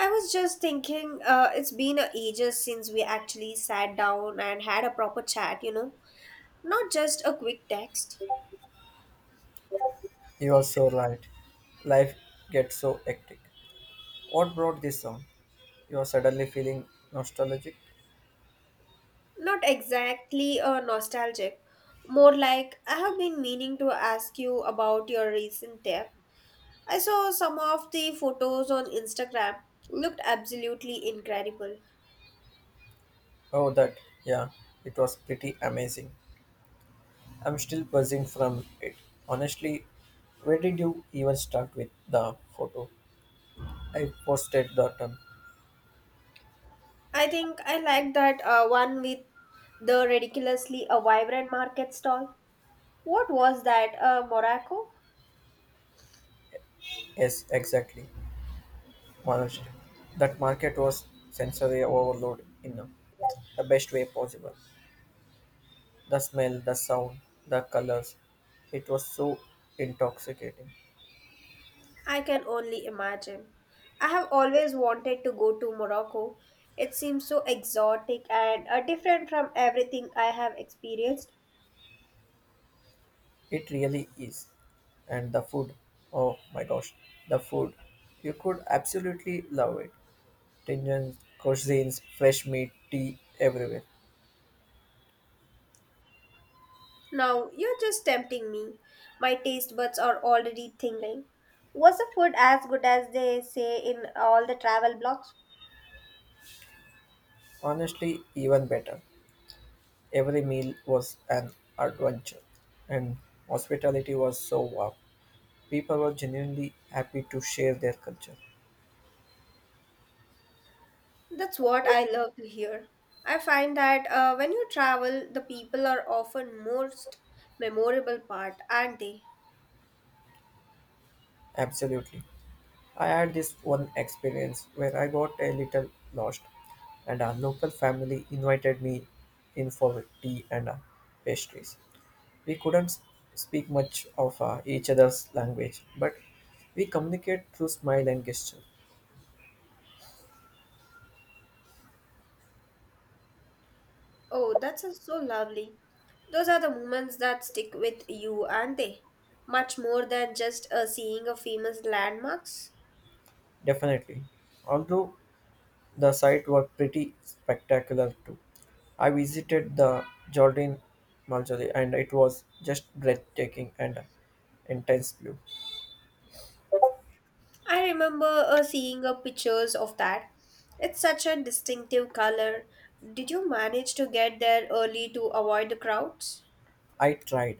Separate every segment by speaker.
Speaker 1: I was just thinking, it's been a ages since we actually sat down and had a proper chat. Not just a quick text.
Speaker 2: You are so right. Life gets so hectic. What brought this on? You are suddenly feeling nostalgic?
Speaker 1: Not exactly a nostalgic. More like, I have been meaning to ask you about your recent trip. I saw some of the photos on Instagram. Looked absolutely incredible.
Speaker 2: Oh, that. Yeah, it was pretty amazing. I'm still buzzing from it. Honestly, where did you even start with the photo? I posted that one.
Speaker 1: I think I like that one with the ridiculously a vibrant market stall. What was that, Morocco?
Speaker 2: Yes, exactly. Honestly, that market was sensory overload in the best way possible. The smell, the sound, the colors. It was so intoxicating.
Speaker 1: I can only imagine. I have always wanted to go to Morocco. It seems so exotic and different from everything I have experienced.
Speaker 2: It really is. And the food, oh my gosh, the food. You could absolutely love it. Tendons, cuisines, fresh meat, tea everywhere.
Speaker 1: Now, you're just tempting me. My taste buds are already tingling. Was the food as good as they say in all the travel blogs?
Speaker 2: Honestly, even better. Every meal was an adventure. And hospitality was so warm. People were genuinely happy to share their culture.
Speaker 1: That's what I love to hear. I find that when you travel, the people are often most memorable part, aren't they?
Speaker 2: Absolutely. I had this one experience where I got a little lost, and our local family invited me in for tea and pastries. We couldn't speak much of each other's language, but we communicate through smile and gesture.
Speaker 1: Oh, that's so lovely. Those are the moments that stick with you, aren't they? Much more than just seeing a famous landmarks.
Speaker 2: Definitely. Although the sight was pretty spectacular too. I visited the Jordan Marjorie and it was just breathtaking and intense blue.
Speaker 1: I remember seeing pictures of that. It's such a distinctive color. Did you manage to get there early to avoid the crowds?
Speaker 2: I tried.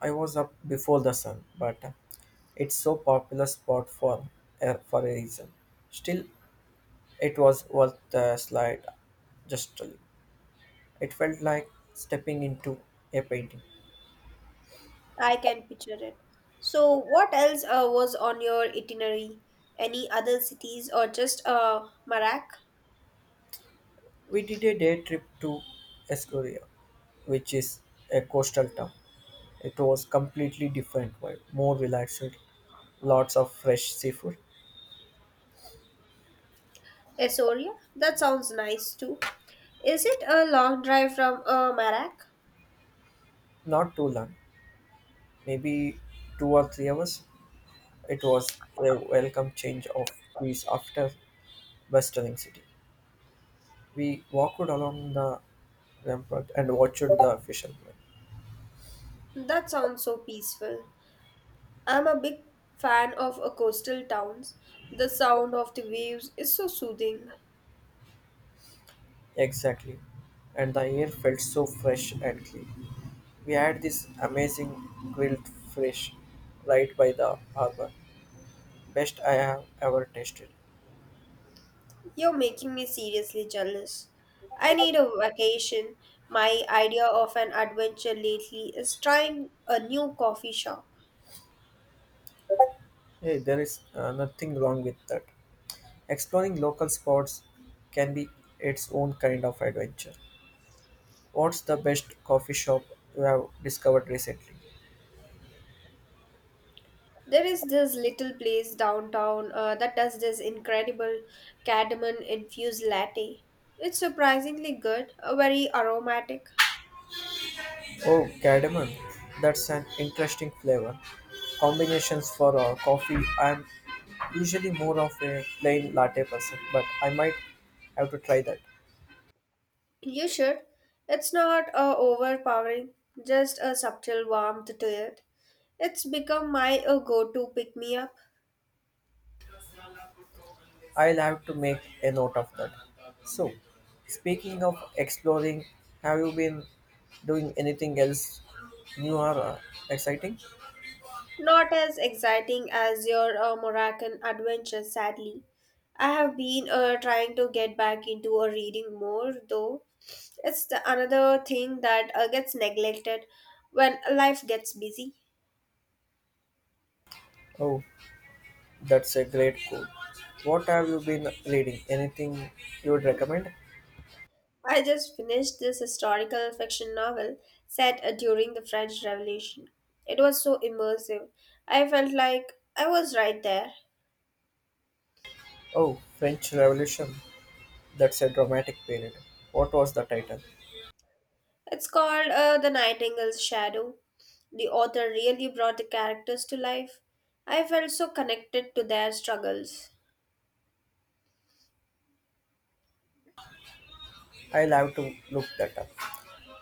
Speaker 2: I was up before the sun, but it's so popular spot for a reason. Still, it was worth the slide. Just to- it felt like stepping into a painting.
Speaker 1: I can picture it. So, what else was on your itinerary? Any other cities or just Marak?
Speaker 2: We did a day trip to Escoria, which is a coastal town. It was completely different vibe, more relaxed, lots of fresh seafood.
Speaker 1: Astoria? That sounds nice too. Is it a long drive from Marak?
Speaker 2: Not too long, maybe 2 or 3 hours. It was a welcome change of pace after Westering City. We walked along the rampart and watched the fishermen.
Speaker 1: That sounds so peaceful. I'm a big fan of coastal towns. The sound of the waves is so soothing.
Speaker 2: Exactly. And the air felt so fresh and clean. We had this amazing grilled fish right by the harbor. Best I have ever tasted.
Speaker 1: You're making me seriously jealous. I need a vacation. My idea of an adventure lately is trying a new coffee shop.
Speaker 2: Hey, there is nothing wrong with that. Exploring local spots can be its own kind of adventure. What's the best coffee shop you have discovered recently?
Speaker 1: There is this little place downtown that does this incredible cardamom infused latte. It's surprisingly good, very aromatic.
Speaker 2: Oh, cardamom. That's an interesting flavor. Combinations for coffee. I'm usually more of a plain latte person, but I might have to try that.
Speaker 1: You should. It's not overpowering, just a subtle warmth to it. It's become my go to pick me up.
Speaker 2: I'll have to make a note of that. So, speaking of exploring, have you been doing anything else new or exciting?
Speaker 1: Not as exciting as your Moroccan adventure, sadly. I have been trying to get back into a reading more, though. It's the another thing that gets neglected when life gets busy.
Speaker 2: Oh, that's a great goal. What have you been reading? Anything you would recommend?
Speaker 1: I just finished this historical fiction novel set during the French Revolution. It was so immersive. I felt like I was right there.
Speaker 2: Oh, French Revolution. That's a dramatic period. What was the title?
Speaker 1: It's called The Nightingale's Shadow. The author really brought the characters to life. I felt so connected to their struggles.
Speaker 2: I'll have to look that up.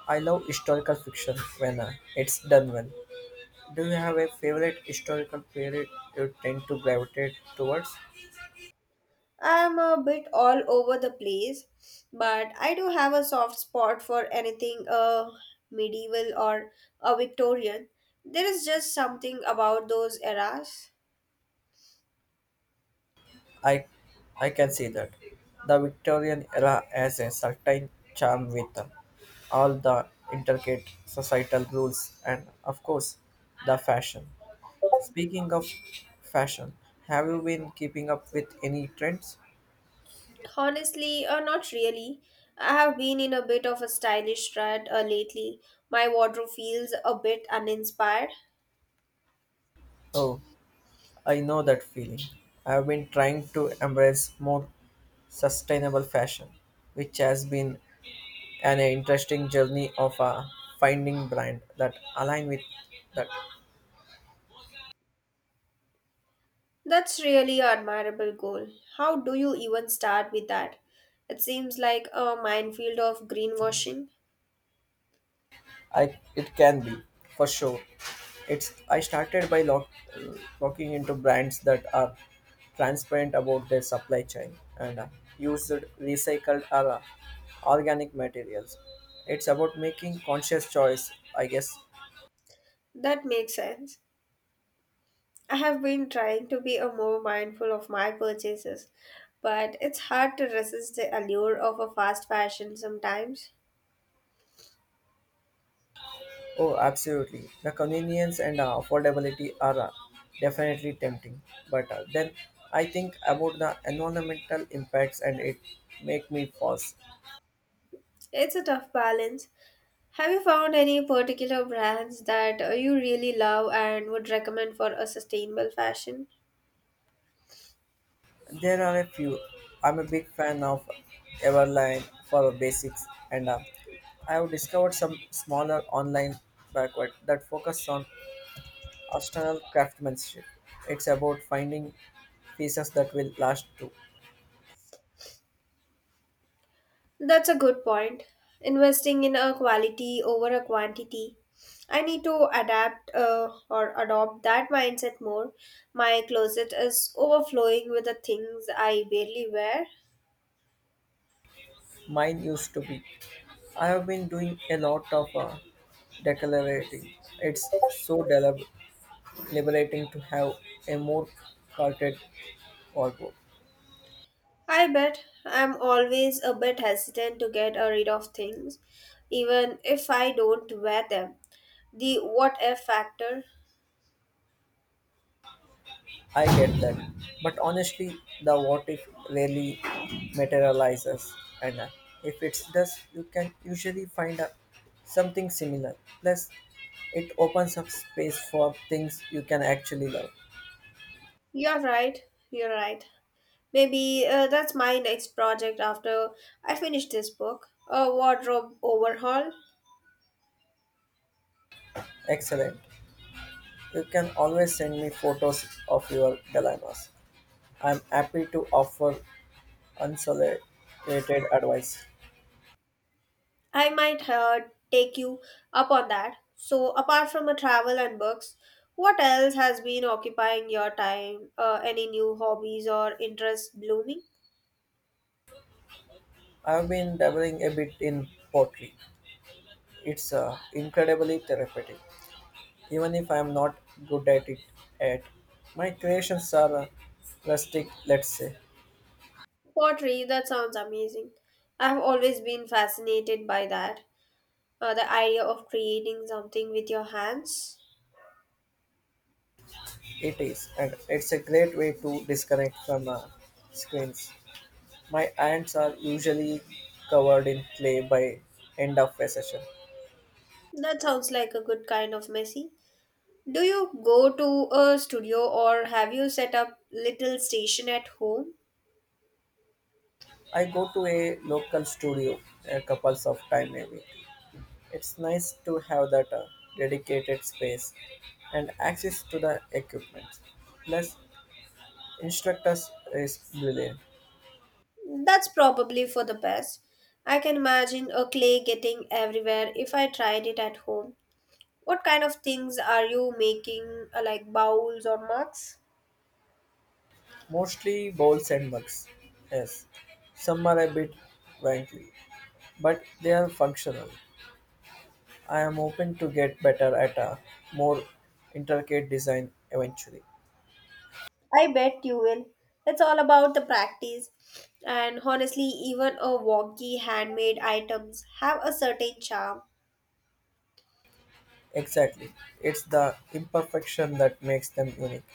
Speaker 2: I love historical fiction when it's done well. Do you have a favorite historical period you tend to gravitate towards?
Speaker 1: I'm a bit all over the place, but I do have a soft spot for anything medieval or Victorian. There is just something about those eras.
Speaker 2: I, I can see that. The Victorian era has a certain charm with all the intricate societal rules and, of course, the fashion. Speaking of fashion, have you been keeping up with any trends?
Speaker 1: Honestly, not really. I have been in a bit of a stylish rut lately. My wardrobe feels a bit uninspired.
Speaker 2: Oh, I know that feeling. I have been trying to embrace more sustainable fashion, which has been an interesting journey of finding brand that align with that.
Speaker 1: That's really an admirable goal. How do you even start with that? It seems like a minefield of greenwashing.
Speaker 2: I it can be for sure. It's I started by locking into brands that are transparent about their supply chain and use recycled or organic materials. It's about making conscious choice, I guess,
Speaker 1: That makes sense. I have been trying to be a more mindful of my purchases, but it's hard to resist the allure of a fast fashion sometimes.
Speaker 2: Oh, absolutely. The convenience and affordability are definitely tempting. But then I think about the environmental impacts and it make me pause.
Speaker 1: It's a tough balance. Have you found any particular brands that you really love and would recommend for a sustainable fashion?
Speaker 2: There are a few. I'm a big fan of Everline for basics and I have discovered some smaller online backward that focus on artisanal craftsmanship. It's about finding pieces that will last too.
Speaker 1: That's a good point. Investing in a quality over a quantity. I need to adapt or adopt that mindset more. My closet is overflowing with the things I barely wear.
Speaker 2: Mine used to be. I have been doing a lot of Declarating. It's so liberating to have a more cultured wardrobe.
Speaker 1: I bet I'm always a bit hesitant to get rid of things, even if I don't wear them. The what if factor.
Speaker 2: I get that. But honestly, the what if rarely materializes, and if it does, you can usually find something similar. Plus, it opens up space for things you can actually love.
Speaker 1: You're right. You're right. Maybe that's my next project after I finish this book. A wardrobe overhaul.
Speaker 2: Excellent. You can always send me photos of your dilemmas. I'm happy to offer unsolicited advice.
Speaker 1: I might take you up on that. So, apart from a travel and books, what else has been occupying your time? Any new hobbies or interests blooming?
Speaker 2: I've been dabbling a bit in pottery. It's incredibly therapeutic, even if I'm not good at it at. My creations are rustic, let's say.
Speaker 1: Pottery, that sounds amazing. I've always been fascinated by that. The idea of creating something with your hands.
Speaker 2: It is, and it's a great way to disconnect from screens. My hands are usually covered in clay by end of a session.
Speaker 1: That sounds like a good kind of messy. Do you go to a studio or have you set up little station at home?
Speaker 2: I go to a local studio a couple of time maybe, It's nice to have that dedicated space and access to the equipment. Plus, instructors is brilliant.
Speaker 1: That's probably for the best. I can imagine a clay getting everywhere if I tried it at home. What kind of things are you making, like bowls or mugs?
Speaker 2: Mostly bowls and mugs. Yes, some are a bit wanky, but they are functional. I am hoping to get better at a more intricate design eventually.
Speaker 1: I bet you will. It's all about the practice. And honestly, even a wonky handmade items have a certain charm.
Speaker 2: Exactly. It's the imperfection that makes them unique.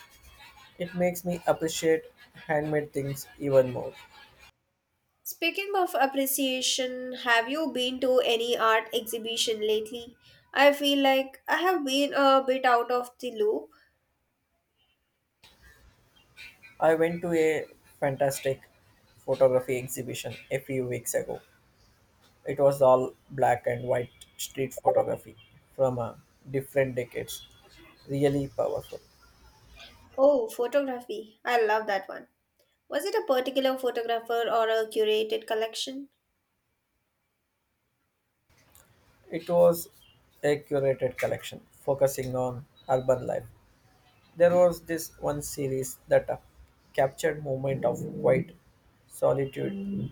Speaker 2: It makes me appreciate handmade things even more.
Speaker 1: Speaking of appreciation, have you been to any art exhibition lately? I feel like I have been a bit out of the loop.
Speaker 2: I went to a fantastic photography exhibition a few weeks ago. It was all black and white street photography from different decades. Really powerful.
Speaker 1: Oh, photography. I love that one. Was it a particular photographer or a curated collection?
Speaker 2: It was a curated collection focusing on urban life. There was this one series that captured moment of quiet solitude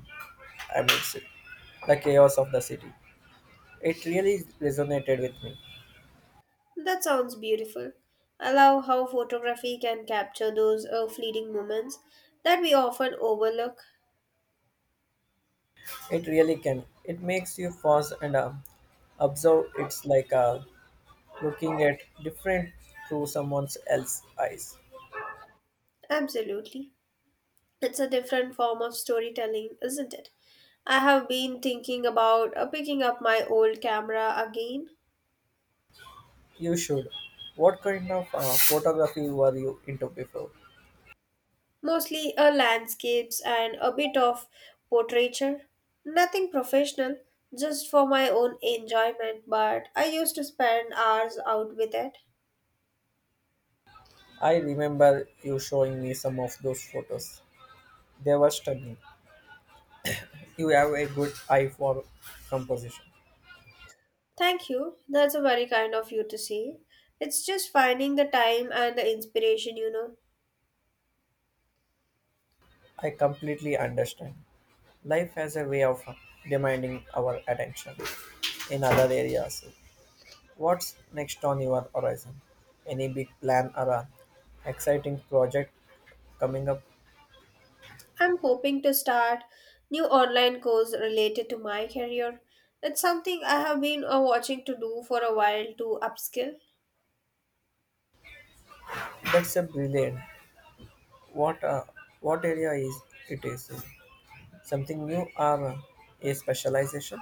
Speaker 2: amidst it, the chaos of the city. It really resonated with me.
Speaker 1: That sounds beautiful. I love how photography can capture those fleeting moments that we often overlook.
Speaker 2: It really can. It makes you pause and observe. It's like looking at different through someone else's eyes.
Speaker 1: Absolutely. It's a different form of storytelling, isn't it? I have been thinking about picking up my old camera again.
Speaker 2: You should. What kind of photography were you into before?
Speaker 1: Mostly a landscapes and a bit of portraiture. Nothing professional, just for my own enjoyment, but I used to spend hours out with it.
Speaker 2: I remember you showing me some of those photos. They were stunning. You have a good eye for composition.
Speaker 1: Thank you. That's a very kind of you to say. It's just finding the time and the inspiration.
Speaker 2: I completely understand. Life has a way of demanding our attention in other areas. What's next on your horizon? Any big plan or a exciting project coming up?
Speaker 1: I'm hoping to start new online course related to my career. It's something I have been watching to do for a while to upskill.
Speaker 2: That's a brilliant. What uh, what area is it is? Something new or a specialization?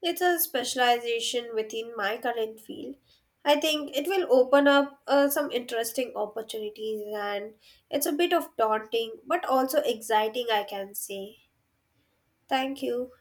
Speaker 1: It's a specialization within my current field. I think it will open up some interesting opportunities and it's a bit of daunting but also exciting, I can say. Thank you.